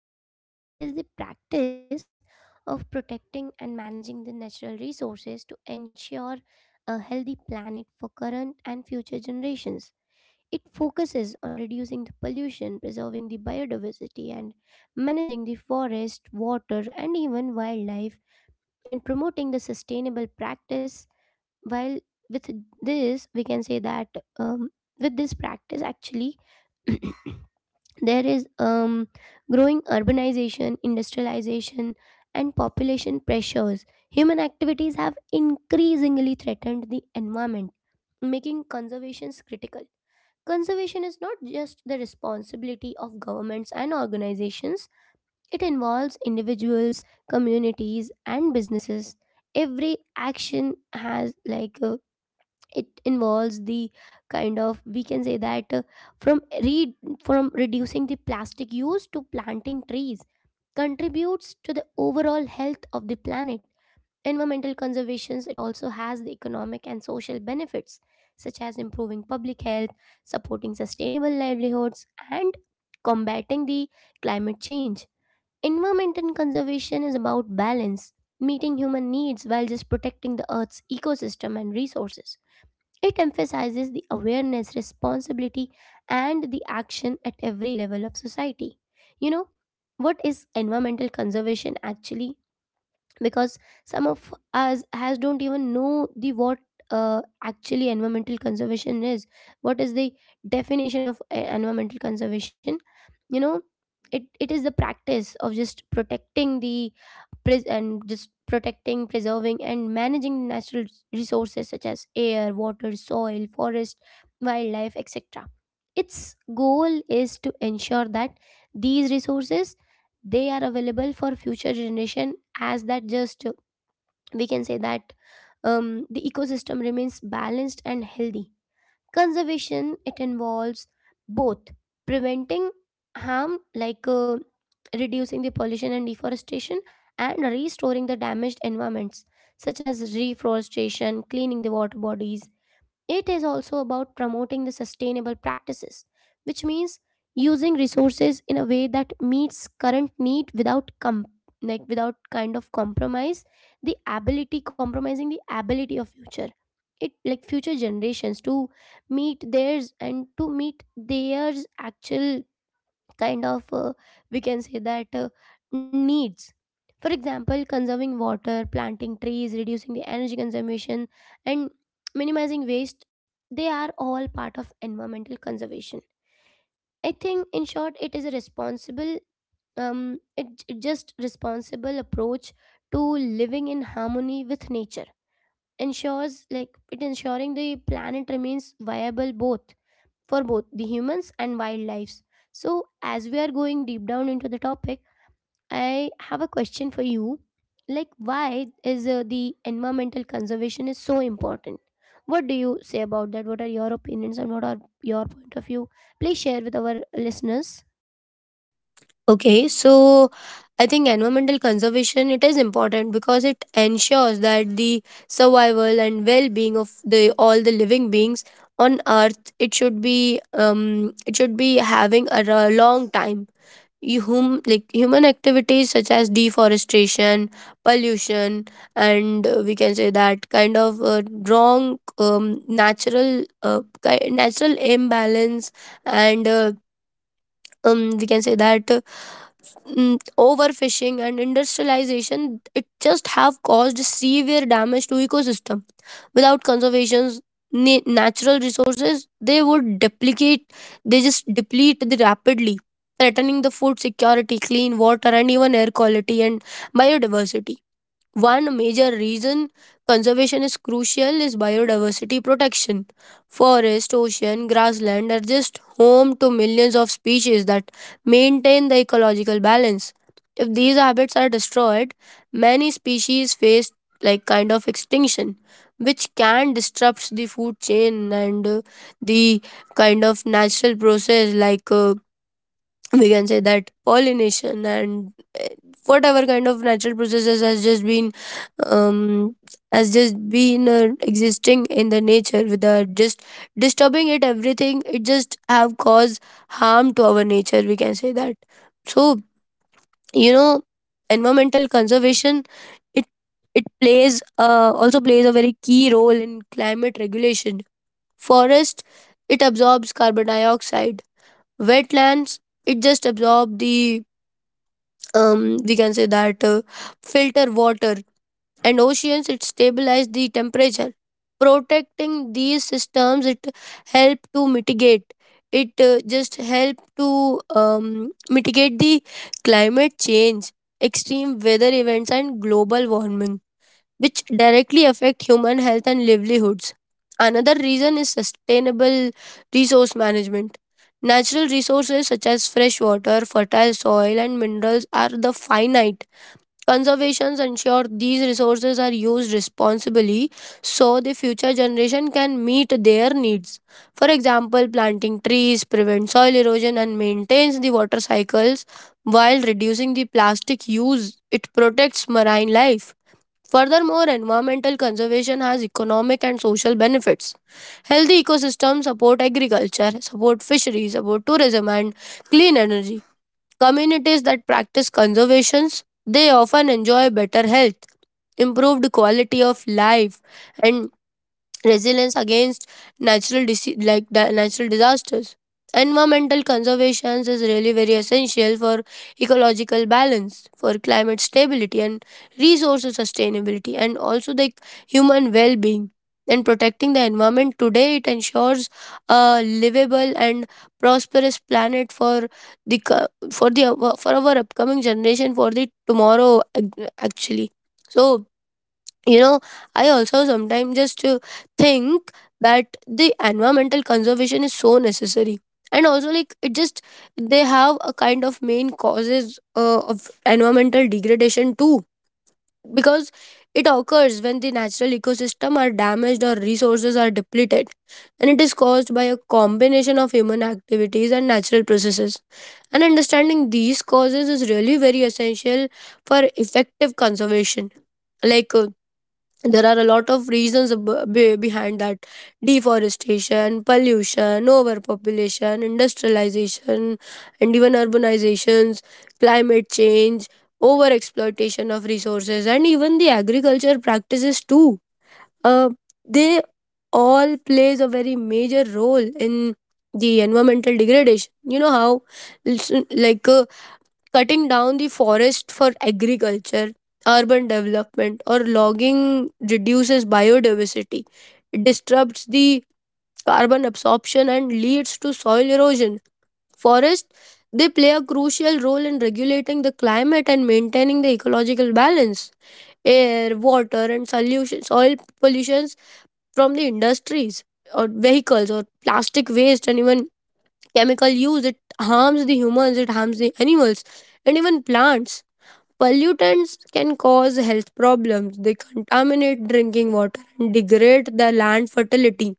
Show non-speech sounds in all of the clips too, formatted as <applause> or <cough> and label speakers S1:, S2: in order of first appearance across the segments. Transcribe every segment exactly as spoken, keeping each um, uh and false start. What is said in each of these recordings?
S1: the perf like it is the practice of protecting and managing the natural resources to ensure a healthy planet for current and future generations. It focuses on reducing the pollution, preserving the biodiversity and managing the forest, water and even wildlife and promoting the sustainable practice while with this we can say that um, with this practice actually <coughs> <clears throat> there is um, growing urbanization, industrialization and population pressures. Human activities have increasingly threatened the environment, making conservations critical. Conservation is not just the responsibility of governments and organizations. It involves individuals, communities and businesses. Every action has like a it involves the kind of we can say that uh, from re- from reducing the plastic use to planting trees, contributes to the overall health of the planet. Environmental conservations, it also has the economic and social benefits, such as improving public health, supporting sustainable livelihoods and combating the climate change. Environmental conservation is about balance, meeting human needs while just protecting the earth's ecosystem and resources. It emphasizes the awareness, responsibility, and the action at every level of society. You know, what is environmental conservation actually? Because some of us has don't even know the what uh, actually environmental conservation is, what is the definition of uh, environmental conservation, you know. It, it is the practice of just protecting the pres- and just protecting preserving and managing natural resources such as air, water, soil, forest, wildlife, etc. Its goal is to ensure that these resources, they are available for future generation, as that just uh, we can say that um, the ecosystem remains balanced and healthy. Conservation, it involves both preventing harm, like uh, reducing the pollution and deforestation, and restoring the damaged environments, such as reforestation, cleaning the water bodies. It is also about promoting the sustainable practices, which means using resources in a way that meets current need without com- like without kind of compromise the ability compromising the ability of future, it like future generations to meet theirs, and to meet theirs actual kind of uh, we can say that uh, needs. For example, conserving water, planting trees, reducing the energy consumption and minimizing waste, they are all part of environmental conservation. I think in short, it is a responsible um it, it just responsible approach to living in harmony with nature, ensures like it ensuring the planet remains viable both for both the humans and wildlife. So as we are going deep down into the topic, I have a question for you. Like, why is uh, the environmental conservation is so important? What do you say about that? What are your opinions and what are your point of view? Please share with our listeners.
S2: Okay, so I think environmental conservation it is important because it ensures that the survival and well-being of the all the living beings on earth it should be um it should be having a, r- long time. You hum, like human activities such as deforestation, pollution, and uh, we can say that kind of uh, wrong, um, natural, uh, ki- natural imbalance, and uh, um, we can say that mm, overfishing and industrialization it just have caused severe damage to ecosystem. Without conservations, na- natural resources, they would deprecate, they just deplete the rapidly, threatening the food security, clean water, and even air quality and biodiversity. One major reason conservation is crucial is biodiversity protection. Forest, ocean, grassland are just home to millions of species that maintain the ecological balance. If these habits are destroyed, many species face like kind of extinction, which can disrupt the food chain and uh, the kind of natural process, like uh, we can say that pollination, and eh, whatever kind of natural processes has just been um, has just been uh, existing in the nature without just disturbing it, everything it just have caused harm to our nature, we can say that. So you know environmental conservation, it it plays uh, also plays a very key role in climate regulation. Forest, it absorbs carbon dioxide. Wetlands, it just absorb the, um, we can say that, uh, filter water, and oceans it stabilize the temperature. Protecting these systems, it help to mitigate, it uh, just help to um, mitigate the climate change, extreme weather events, and global warming, which directly affect human health and livelihoods. Another reason is sustainable resource management. Natural resources such as fresh water, fertile soil, and minerals are the finite. Conservations ensure these resources are used responsibly so the future generation can meet their needs. For example, planting trees prevents soil erosion and maintains the water cycles, while reducing the plastic use, it protects marine life. Furthermore, environmental conservation has economic and social benefits. Healthy ecosystems support agriculture, support fisheries, support tourism, and clean energy. Communities that practice conservations, they often enjoy better health, improved quality of life, and resilience against natural disi- like the natural disasters. Environmental conservation is really very essential for ecological balance, for climate stability and resource sustainability, and also the human well-being. And protecting the environment today, it ensures a livable and prosperous planet for the co- for the for our upcoming generation, for the tomorrow, ac- actually. So you know I also sometimes just to think that the environmental conservation is so necessary, and also like it just, they have a kind of main causes uh, of environmental degradation too, because it occurs when the natural ecosystem are damaged or resources are depleted, and it is caused by a combination of human activities and natural processes, and understanding these causes is really very essential for effective conservation. Like uh, there are a lot of reasons ab- be- behind that: deforestation, pollution, overpopulation, industrialization, and even urbanizations, climate change, over exploitation of resources, and even the agriculture practices too. uh, they all plays a very major role in the environmental degradation. You know how it's, uh, like, uh, cutting down the forest for agriculture, urban development, or logging reduces biodiversity. It disrupts the carbon absorption and leads to soil erosion. Forests, they play a crucial role in regulating the climate and maintaining the ecological balance. Air, water, and solution soil pollutions from the industries, or vehicles, or plastic waste, and even chemical use, it harms the humans, it harms the animals, and even plants. Pollutants can cause health problems. They contaminate drinking water and degrade the land fertility.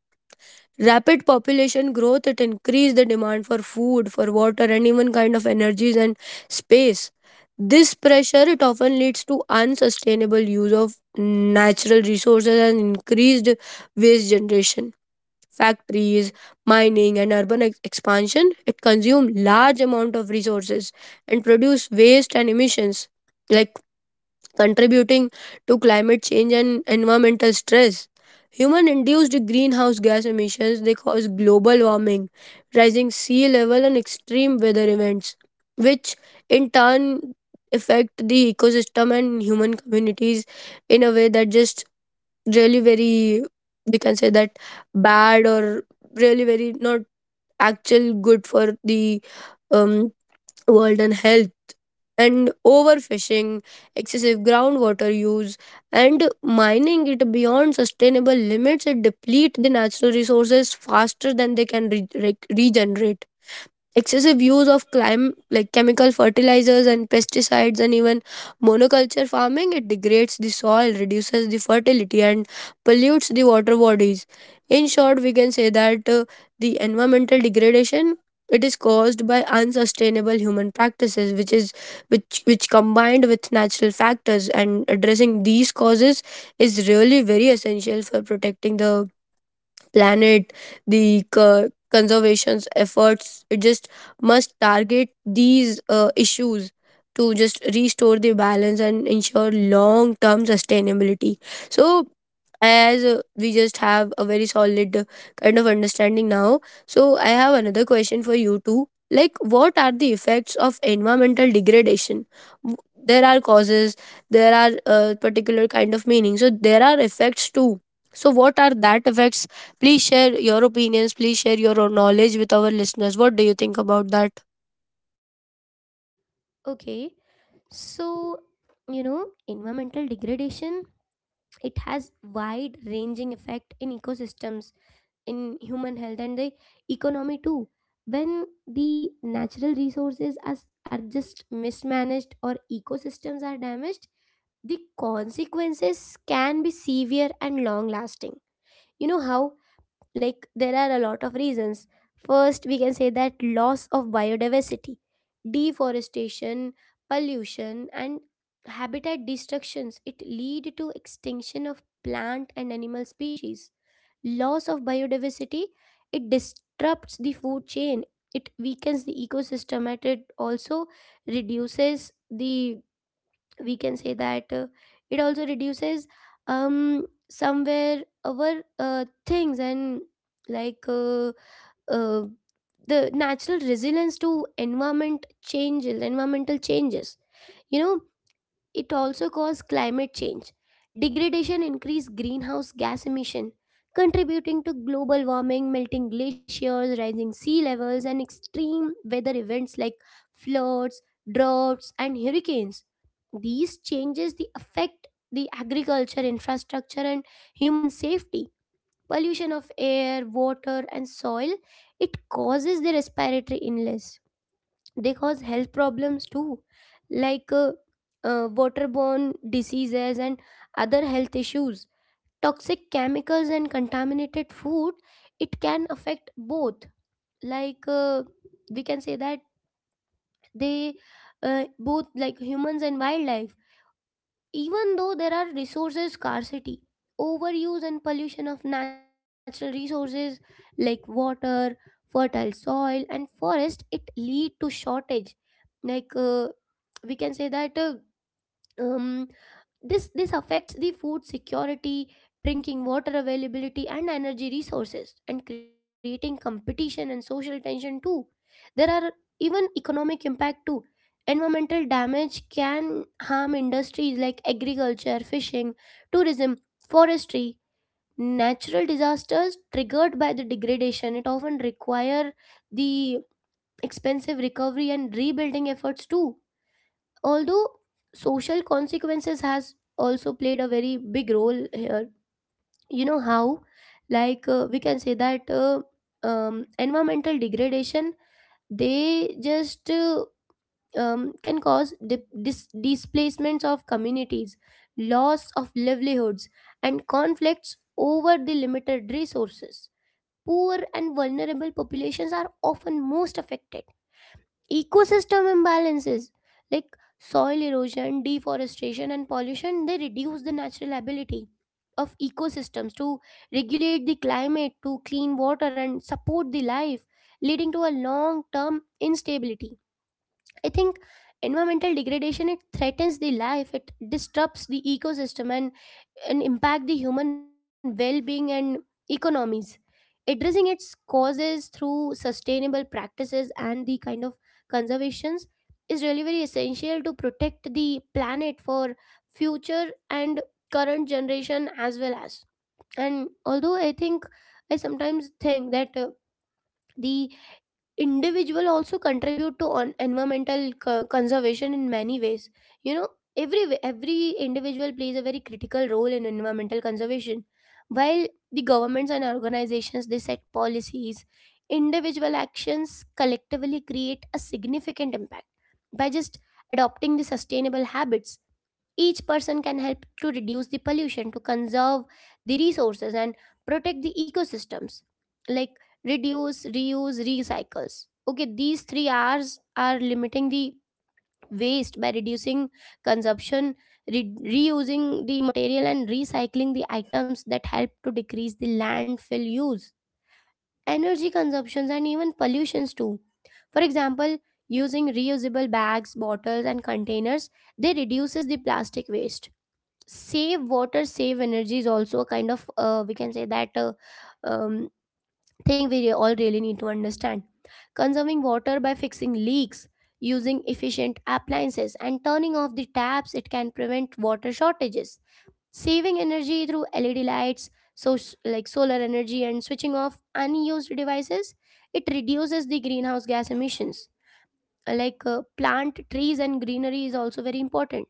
S2: Rapid population growth, it increased the demand for food, for water, and even kind of energies and space. This pressure, it often leads to unsustainable use of natural resources and increased waste generation. Factories, mining, and urban ex- expansion, it consume large amount of resources and produce waste and emissions, like contributing to climate change and environmental stress. Human induced greenhouse gas emissions, they cause global warming, rising sea level, and extreme weather events, which in turn affect the ecosystem and human communities in a way that just really very, we can say that, bad, or really very not actual good for the, um, world and health. And overfishing, excessive groundwater use, and mining it beyond sustainable limits, it deplete the natural resources faster than they can re- re- regenerate. Excessive use of clim- like chemical fertilizers and pesticides, and even monoculture farming, it degrades the soil, reduces the fertility, and pollutes the water bodies. In short, we can say that uh, the environmental degradation, it is caused by unsustainable human practices, which is which which combined with natural factors, and addressing these causes is really very essential for protecting the planet, the co- conservation's efforts. It just must target these uh, issues to just restore the balance and ensure long-term sustainability. So as uh, we just have a very solid uh, kind of understanding now, so I have another question for you too: like, what are the effects of environmental degradation? W- there are causes, there are uh, particular kind of meaning, so there are effects too. So what are that effects? Please share your opinions, please share your knowledge with our listeners. What do you think about that?
S1: Okay, so you know, environmental degradation, it has wide-ranging effect in ecosystems, in human health, and the economy too. When the natural resources as are just mismanaged or ecosystems are damaged, the consequences can be severe and long lasting. You know how, like there are a lot of reasons. First, we can say that loss of biodiversity, deforestation, pollution and habitat destructions, it lead to extinction of plant and animal species. Loss of biodiversity, it disrupts the food chain, it weakens the ecosystem and it also reduces the, we can say that uh, it also reduces um somewhere our uh, things, and like uh, uh, the natural resilience to environment changes environmental changes, you know. It also caused climate change. Degradation increased greenhouse gas emission, contributing to global warming, melting glaciers, rising sea levels, and extreme weather events like floods, droughts, and hurricanes. These changes the affect the agriculture, infrastructure and human safety. Pollution of air, water, and soil, it causes the respiratory illness, they cause health problems too, like uh, uh, waterborne diseases and other health issues. Toxic chemicals and contaminated food, it can affect both, like uh, we can say that they uh, both like humans and wildlife. Even though there are resources scarcity, overuse and pollution of natural resources like water, fertile soil and forest, it lead to shortage, like uh, we can say that uh, um, this this affects the food security, drinking water availability and energy resources, and creating competition and social tension too. There are even economic impact too. Environmental damage can harm industries like agriculture, fishing, tourism, forestry. Natural disasters triggered by the degradation, it often require the expensive recovery and rebuilding efforts too. Although social consequences has also played a very big role here, you know how, like uh, we can say that uh, um, environmental degradation, they just uh, um, can cause di- dis- displacements of communities, loss of livelihoods, and conflicts over the limited resources. Poor and vulnerable populations are often most affected. Ecosystem imbalances like soil erosion, deforestation and pollution, they reduce the natural ability of ecosystems to regulate the climate, to clean water and support the life, leading to a long term instability. I think environmental degradation, it threatens the life, it disrupts the ecosystem and and impact the human well-being and economies. Addressing its causes through sustainable practices and the kind of conservations is really very essential to protect the planet for future and current generation as well as. And although I think I sometimes think that uh, the individual also contribute to on environmental co- conservation in many ways, you know. Every every individual plays a very critical role in environmental conservation, while the governments and organizations, they set policies, individual actions collectively create a significant impact. By just adopting the sustainable habits, each person can help to reduce the pollution, to conserve the resources, and protect the ecosystems. Like reduce, reuse, recycles. Okay, these three R's are limiting the waste by reducing consumption, re- reusing the material, and recycling the items that help to decrease the landfill use, energy consumptions, and even pollutions too. For example, using reusable bags, bottles, and containers, they reduces the plastic waste. Save water, save energy is also a kind of uh, we can say that uh, um, thing we re- all really need to understand. Conserving water by fixing leaks, using efficient appliances and turning off the taps, it can prevent water shortages. Saving energy through led lights, so like solar energy and switching off unused devices, it reduces the greenhouse gas emissions. Uh, like uh, plant trees and greenery is also very important.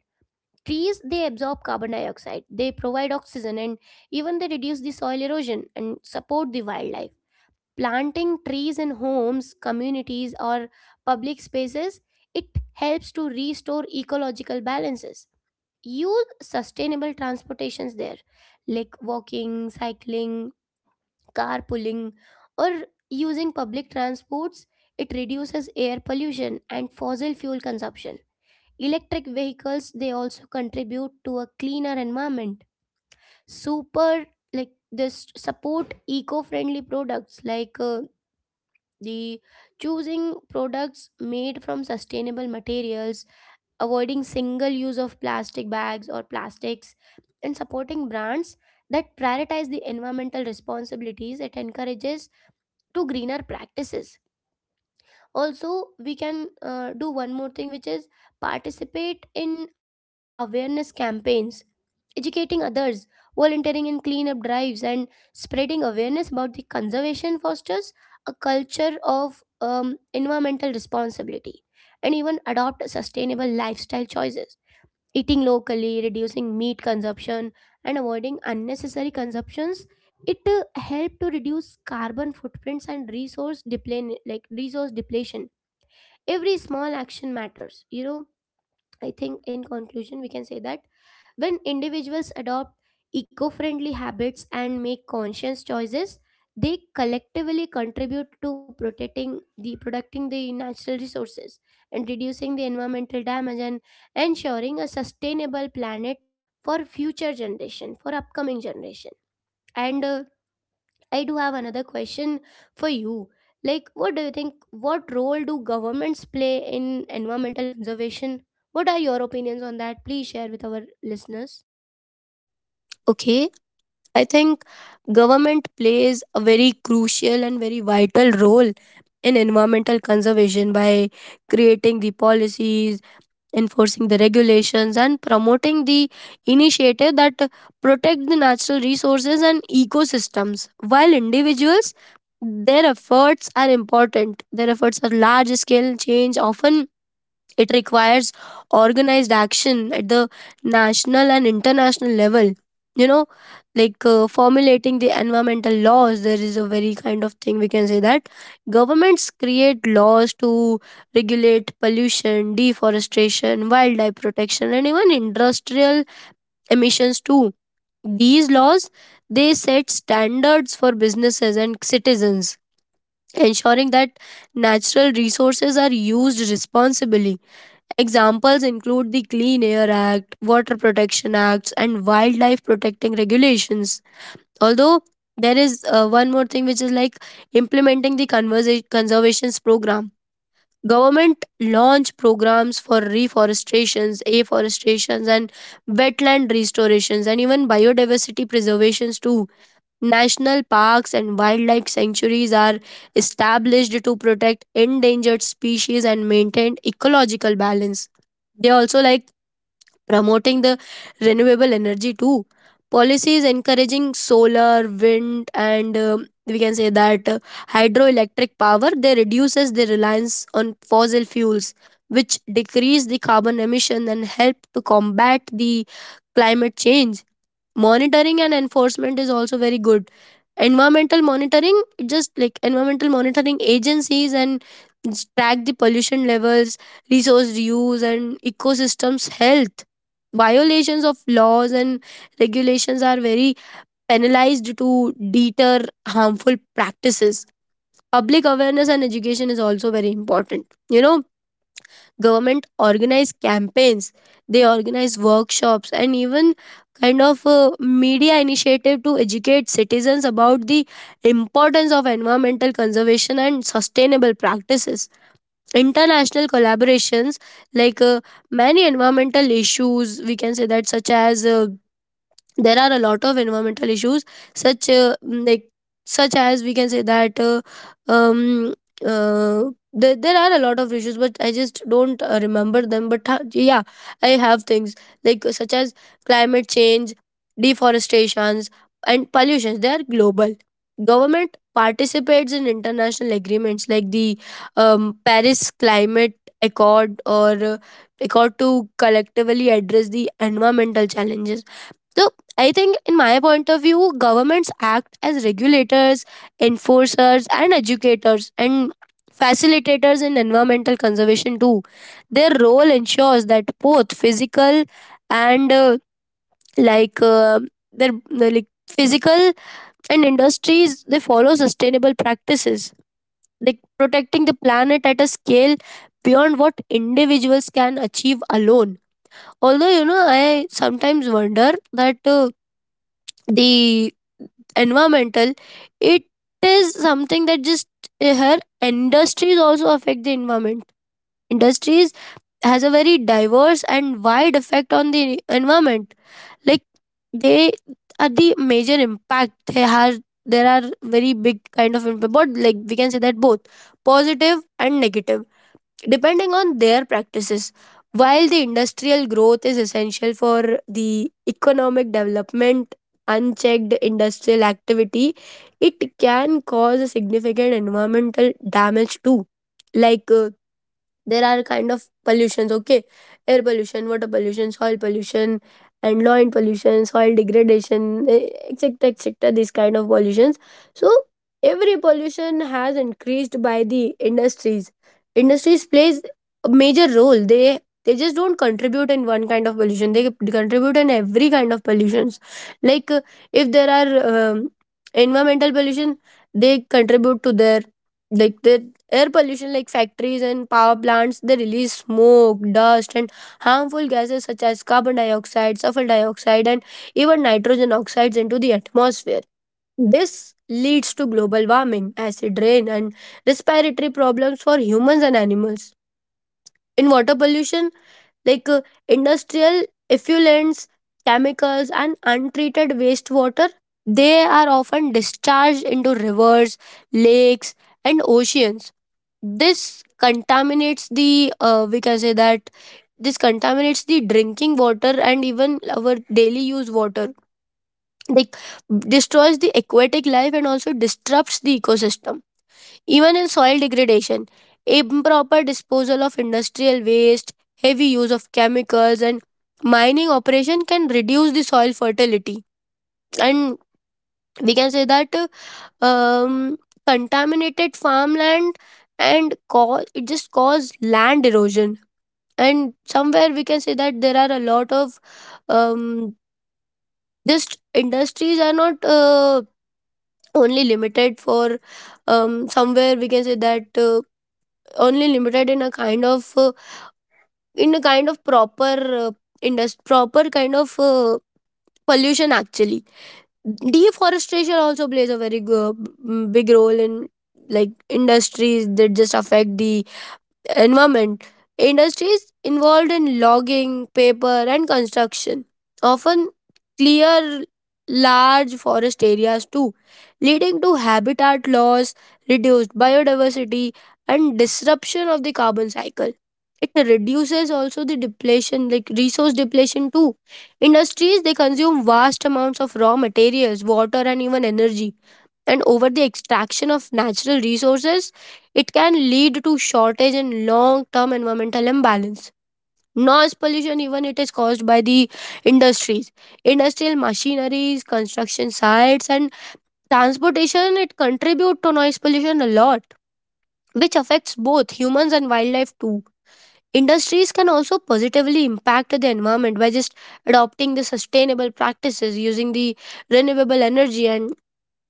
S1: Trees, they absorb carbon dioxide, they provide oxygen, and even they reduce the soil erosion and support the wildlife. Planting trees in homes, communities, or public spaces, it helps to restore ecological balances. Use sustainable transportations there, like walking, cycling, carpooling, or using public transports. It reduces air pollution and fossil fuel consumption. Electric vehicles, they also contribute to a cleaner environment. Super, like this support eco-friendly products, like uh, the choosing products made from sustainable materials, avoiding single use of plastic bags or plastics, and supporting brands that prioritize the environmental responsibilities, it encourages to greener practices. Also we can uh, do one more thing, which is participate in awareness campaigns, educating others, volunteering in cleanup drives and spreading awareness about the conservation, fosters a culture of um, environmental responsibility. And even adopt sustainable lifestyle choices, eating locally, reducing meat consumption, and avoiding unnecessary consumptions, it uh, help to reduce carbon footprints and resource depletion, like resource depletion every small action matters, you know. I think in conclusion we can say that when individuals adopt eco-friendly habits and make conscious choices, they collectively contribute to protecting the protecting the natural resources and reducing the environmental damage and ensuring a sustainable planet for future generation, for upcoming generation. And uh, I do have another question for you. Like, what do you think? What role do governments play in environmental conservation? What are your opinions on that? Please share with our listeners.
S2: Okay, I think government plays a very crucial and very vital role in environmental conservation by creating the policies, enforcing the regulations, and promoting the initiative that protect the natural resources and ecosystems. While individuals, their efforts are important, their efforts are large scale change often. It requires organized action at the national and international level. You know, like, uh, formulating the environmental laws, there is a very kind of thing, we can say that governments create laws to regulate pollution, deforestation, wildlife protection, and even industrial emissions too. These laws, they set standards for businesses and citizens, ensuring that natural resources are used responsibly. Examples include the Clean Air Act, Water Protection Acts, and wildlife protecting regulations. Although, there is uh, one more thing, which is like implementing the conversa- conservations program. Government launch programs for reforestations, afforestations, and wetland restorations, and even biodiversity preservations too. National parks and wildlife sanctuaries are established to protect endangered species and maintain ecological balance. They also like promoting the renewable energy too. Policies encouraging solar, wind, and, um, we can say that, uh, hydroelectric power, they reduces the reliance on fossil fuels, which decrease the carbon emission and help to combat the climate change. Monitoring and enforcement is also very good. Environmental monitoring, just like environmental monitoring agencies and track the pollution levels, resource use, and ecosystems health. Violations of laws and regulations are very penalized to deter harmful practices. Public awareness and education is also very important, you know. Government organize campaigns, they organize workshops, and even kind of uh, media initiative to educate citizens about the importance of environmental conservation and sustainable practices. International collaborations, like uh, many environmental issues, we can say that, such as uh, there are a lot of environmental issues, such uh, mm, like such as, we can say that uh, um uh, there, there are a lot of issues, but I just don't uh, remember them, but ha- yeah, I have things like uh, such as climate change, deforestations, and pollutions, they are global. Government participates in international agreements like the, um, Paris climate accord, or uh, accord, to collectively address the environmental challenges. So I think, in my point of view, governments act as regulators, enforcers, and educators, and facilitators in environmental conservation too. Their role ensures that both physical and uh, like, uh, their the, like physical and industries, they follow sustainable practices, like protecting the planet at a scale beyond what individuals can achieve alone. Although, you know, I sometimes wonder that. Uh, the environmental, it is something that just uh, her industries also affect the environment. Industries has a very diverse and wide effect on the environment. Like, they are the major impact they have, there are very big kind of impact, but like we can say that both positive and negative, depending on their practices. While the industrial growth is essential for the economic development, unchecked industrial activity, it can cause a significant environmental damage too. Like, uh, there are kind of pollutions. Okay, air pollution, water pollution, soil pollution, and land pollution, soil degradation, eh, etc, etc, these kind of pollutions. So every pollution has increased by the industries. Industries plays a major role, they they just don't contribute in one kind of pollution, they contribute in every kind of pollutions. Like, uh, if there are, um, environmental pollution, they contribute to their, like their. Air pollution, like factories and power plants, they release smoke, dust, and harmful gases such as carbon dioxide, sulfur dioxide, and even nitrogen oxides into the atmosphere. This leads to global warming, acid rain, and respiratory problems for humans and animals. In water pollution like uh, industrial effluents, chemicals and untreated wastewater they are often discharged into rivers, lakes and oceans. This contaminates the uh, we can say that this contaminates the drinking water and even our daily use water, like destroys the aquatic life and also disrupts the ecosystem. Even in soil degradation, improper disposal of industrial waste, heavy use of chemicals and mining operation can reduce the soil fertility and we can say that uh, um, contaminated farmland and cause it just cause land erosion. And somewhere we can say that there are a lot of um, just industries are not uh, only limited for um, somewhere we can say that uh, only limited in a kind of uh, in a kind of proper uh, indust- proper kind of uh, pollution actually. Deforestation also plays a very g- big role in like industries that just affect the environment. Industries involved in logging, paper, and construction often clear large forest areas too, leading to habitat loss, reduced biodiversity, and disruption of the carbon cycle. It reduces also the depletion, like resource depletion too. Industries, they consume vast amounts of raw materials, water, and even energy, and over the extraction of natural resources, it can lead to shortage and long-term environmental imbalance. Noise pollution, even it is caused by the industries, industrial machineries, construction sites, and transportation. It contribute to noise pollution a lot, which affects both humans and wildlife too. Industries can also positively impact the environment by just adopting the sustainable practices, using the renewable energy, and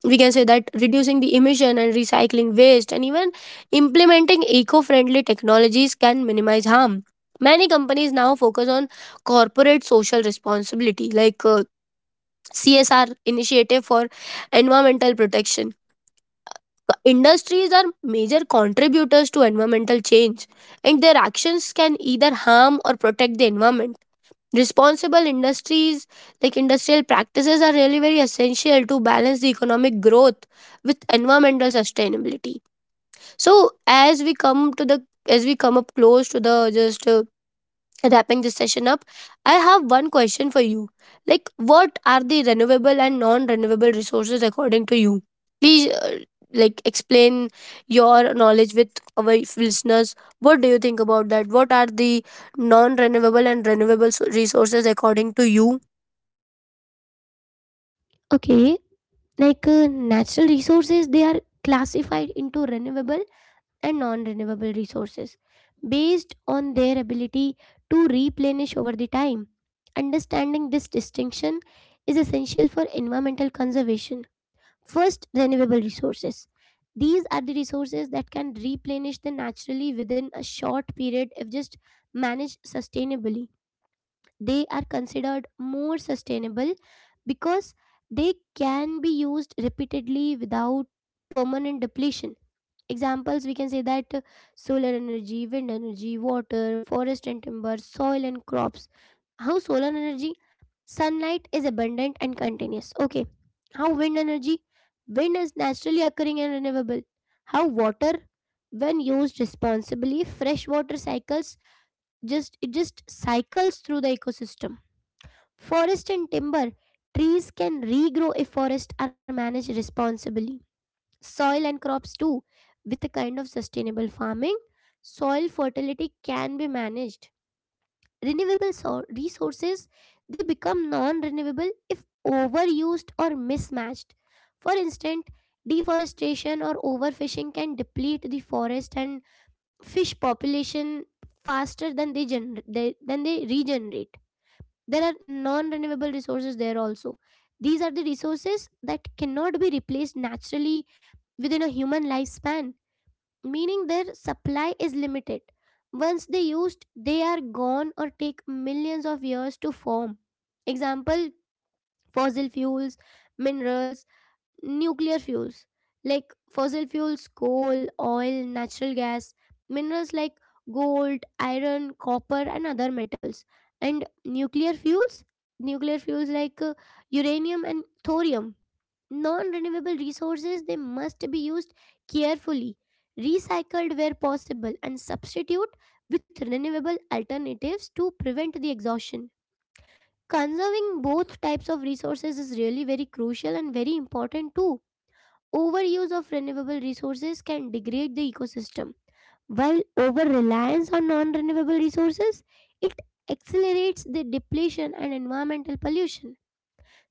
S2: we can say that reducing the emission and recycling waste and even implementing eco-friendly technologies can minimize harm. Many companies now focus on corporate social responsibility, like uh, C S R initiative for environmental protection. Industries are major contributors to environmental change and their actions can either harm or protect the environment. Responsible industries, like industrial practices, are really very essential to balance the economic growth with environmental sustainability. So as we come to the as we come up close to the just uh, wrapping this session up, I have one question for you. Like, what are the renewable and non renewable resources according to you? Please uh, like explain your knowledge with our listeners. What do you think about that? What are the non renewable and renewable s- resources according to you?
S1: Okay, like uh, natural resources, they are classified into renewable and non renewable resources based on their ability to replenish over the time. Understanding this distinction is essential for environmental conservation. First, renewable resources. These are the resources that can replenish the naturally within a short period if just managed sustainably. They are considered more sustainable because they can be used repeatedly without permanent depletion. Examples, we can say that uh, solar energy, wind energy, water, forest and timber, soil and crops. How solar energy? Sunlight is abundant and continuous, okay. How wind energy? Wind is naturally occurring and renewable. How water? When used responsibly, fresh water cycles, just it just cycles through the ecosystem. Forest and timber. Trees can regrow if forests are managed responsibly. Soil and crops too. With a kind of sustainable farming, soil fertility can be managed. Renewable so- resources, they become non-renewable if overused or mismatched. For instance, deforestation or overfishing can deplete the forest and fish population faster than they, gener- they than they regenerate. There are non renewable resources there also. These are the resources that cannot be replaced naturally within a human lifespan, meaning their supply is limited. Once they used, they are gone or take millions of years to form. Example fossil fuels, minerals, nuclear fuels like fossil fuels coal oil natural gas minerals like gold iron copper and other metals and nuclear fuels nuclear fuels like uh, uranium and thorium. Non-renewable resources they must be used carefully, recycled where possible and substitute with renewable alternatives to prevent the exhaustion. Conserving both types of resources is really very crucial and very important too. Overuse of renewable resources can degrade the ecosystem, while over reliance on non renewable resources it accelerates the depletion and environmental pollution.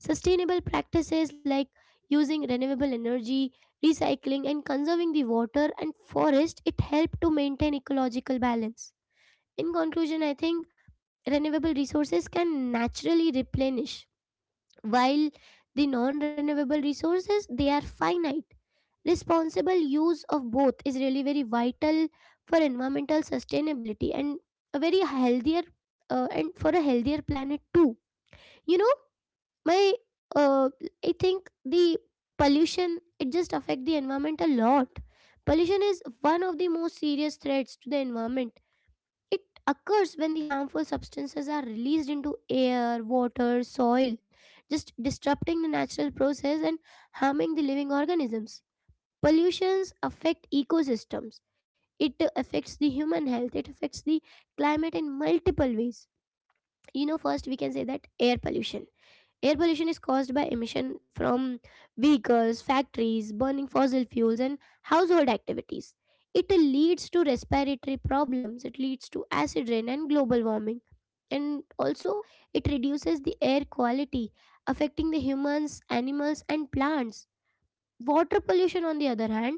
S1: Sustainable practices like using renewable energy, recycling and conserving the water and forest it help to maintain ecological balance. In conclusion, I think renewable resources can naturally replenish, while the non renewable resources they are finite. Responsible use of both is really very vital for environmental sustainability and a very healthier uh, and for a healthier planet too you know my uh, I think the Pollution it just affect the environment a lot. Pollution is one of the most serious threats to the environment. It occurs when the harmful substances are released into air water soil, just disrupting the natural process and harming the living organisms. Pollutions affect ecosystems, it affects the human health, it affects the climate in multiple ways. You know, first we can say that air pollution. Air pollution is caused by emission from vehicles factories burning fossil fuels and household activities. It leads to respiratory problems, it leads to acid rain and global warming, and also it reduces the air quality, affecting the humans animals and plants. Water pollution on the other hand,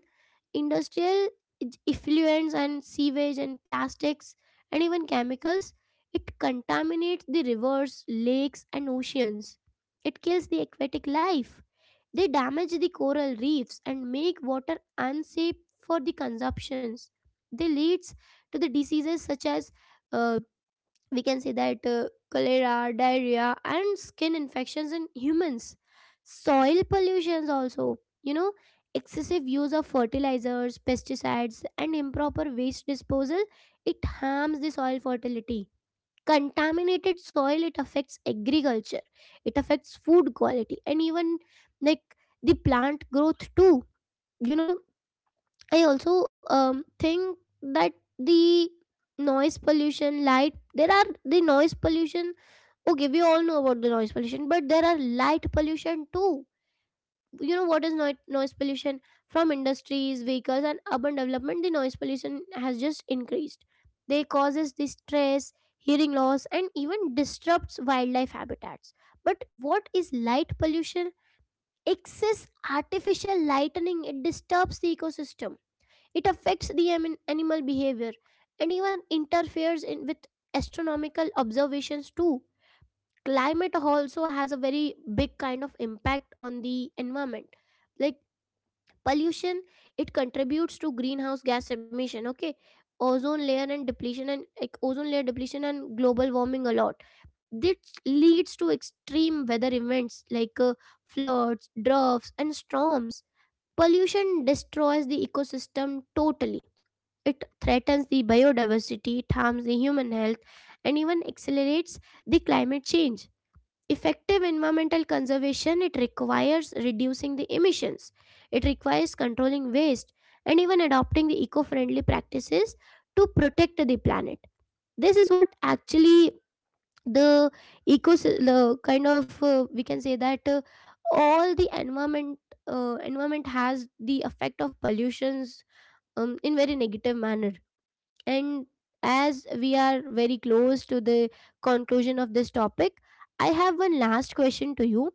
S1: industrial ej- effluents and sewage and plastics and even chemicals, it contaminates the rivers lakes and oceans. It kills the aquatic life, they damage the coral reefs and make water unsafe for the consumptions. They leads to the diseases such as uh, we can say that uh, cholera, diarrhea, and skin infections in humans. Soil pollutions also, you know, excessive use of fertilizers, pesticides, and improper waste disposal, it harms the soil fertility. Contaminated soil, it affects agriculture, it affects food quality, and even like the plant growth too. You know, I also um, think that the noise pollution, light, there are the noise pollution. Okay, we all know about the noise pollution, but there are light pollution too. You know, what is noi- noise pollution? From industries vehicles and urban development, the noise pollution has just increased. They causes the stress, hearing loss and even disrupts wildlife habitats. But what is light pollution? Excess artificial lightening it disturbs the ecosystem, it affects the amin- animal behavior and even interferes in with astronomical observations too. Climate also has a very big kind of impact on the environment. Like pollution, it contributes to greenhouse gas emission, okay, ozone layer and depletion and like ozone layer depletion and global warming a lot. This leads to extreme weather events like uh, floods droughts and storms. Pollution destroys the ecosystem totally, it threatens the biodiversity, it harms the human health and even accelerates the climate change. Effective environmental conservation it requires reducing the emissions, it requires controlling waste and even adopting the eco-friendly practices to protect the planet. This is what actually the eco the kind of uh, we can say that uh, all the environment uh, environment has the effect of pollutions um, in very negative manner. And as we are very close to the conclusion of this topic, I have one last question to you.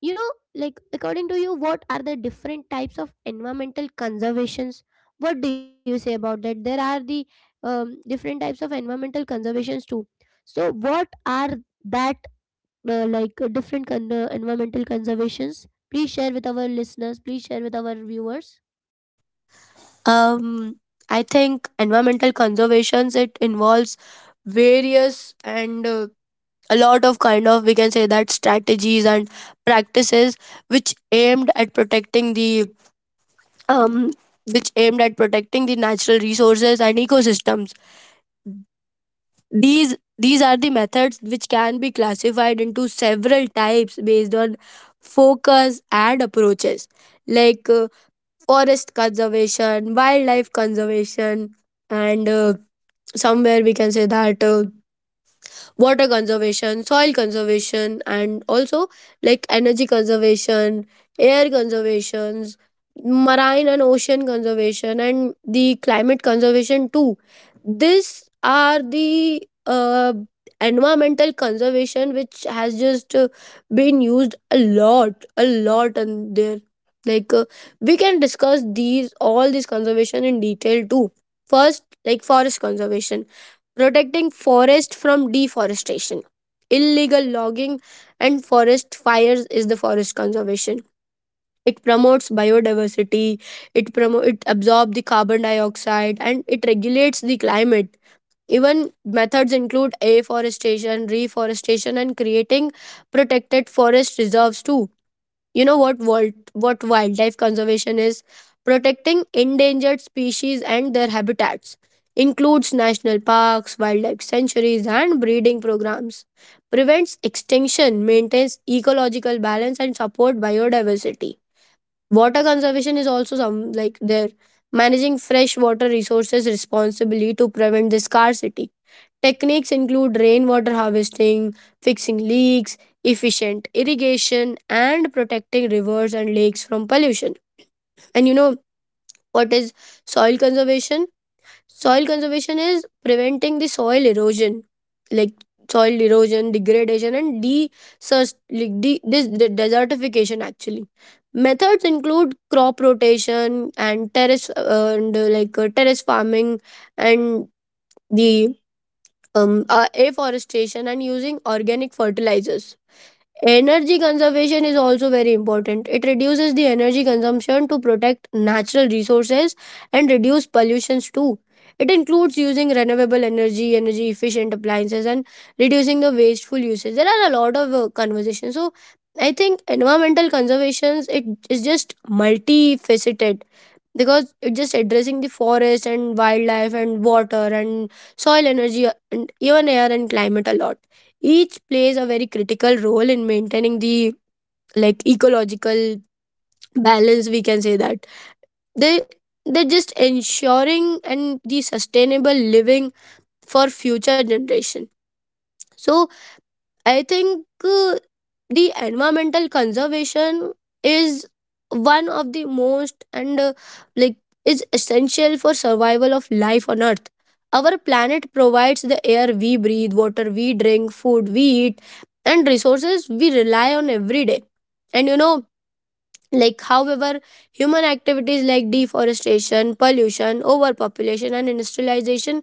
S1: You know, like according to you, what are the different types of environmental conservations? What do you say about that? There are the um, different types of environmental conservations too. So, what are that uh, like uh, different con- uh, environmental conservations? Please share with our listeners. Please share with our viewers.
S2: um I think environmental conservations, it involves various and uh, a lot of kind of, we can say that, strategies and practices which aimed at protecting the um which aimed at protecting the natural resources and ecosystems. These these are the methods which can be classified into several types based on focus and approaches, like uh, forest conservation, wildlife conservation, and uh, somewhere we can say that uh, water conservation, soil conservation, and also like energy conservation, air conservations, marine and ocean conservation, and the climate conservation too. These are the uh, environmental conservation which has just uh, been used a lot a lot and there like uh, we can discuss these all this conservation in detail too. First, like forest conservation, protecting forest from deforestation, illegal logging, and forest fires is the forest conservation. It promotes biodiversity, it promo- it absorbs the carbon dioxide and it regulates the climate. Even methods include afforestation, reforestation, and creating protected forest reserves too. You know what wild, what wildlife conservation is? Protecting endangered species and their habitats includes national parks, wildlife sanctuaries and breeding programs. Prevents extinction, maintains ecological balance and support biodiversity. Water conservation is also some like there, managing fresh water resources responsibly to prevent the scarcity. Techniques include rainwater harvesting, fixing leaks, efficient irrigation, and protecting rivers and lakes from pollution. And you know, what is soil conservation? Soil conservation is preventing the soil erosion, like soil erosion, degradation, and de- sus- like de- this de- desertification actually. Methods include crop rotation and terrace uh, and uh, like uh, terrace farming and the um, uh, afforestation and using organic fertilizers. Energy conservation is also very important. It reduces the energy consumption to protect natural resources and reduce pollutions too. It includes using renewable energy, energy efficient appliances, and reducing the wasteful usage. There are a lot of uh, conversations. So I think environmental conservations, it is just multifaceted because it just addressing the forest and wildlife and water and soil energy and even air and climate a lot. Each plays a very critical role in maintaining the like ecological balance, we can say that. They, they're just ensuring and the sustainable living for future generation. So I think uh, the environmental conservation is one of the most and uh, like is essential for survival of life on earth. Our planet provides the air we breathe, water we drink, food we eat, and resources we rely on every day. And you know, like however, human activities like deforestation, pollution, overpopulation and industrialization,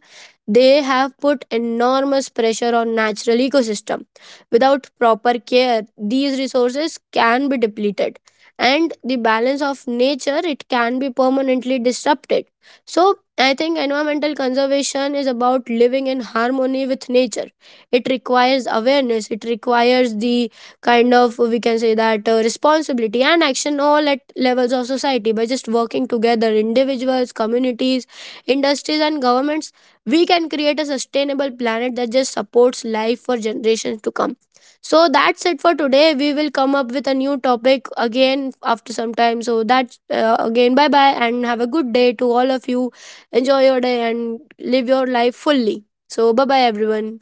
S2: they have put enormous pressure on natural ecosystem. Without proper care, these resources can be depleted and the balance of nature, it can be permanently disrupted. So I think environmental conservation is about living in harmony with nature. It requires awareness, it requires the kind of, we can say that, uh, responsibility and action all at levels of society. By just working together, individuals, communities, industries and governments, we can create a sustainable planet that just supports life for generations to come. So that's it for today. We will come up with a new topic again after some time. So that's uh, again, bye bye, and have a good day to all of you. Enjoy your day and live your life fully. So bye bye everyone.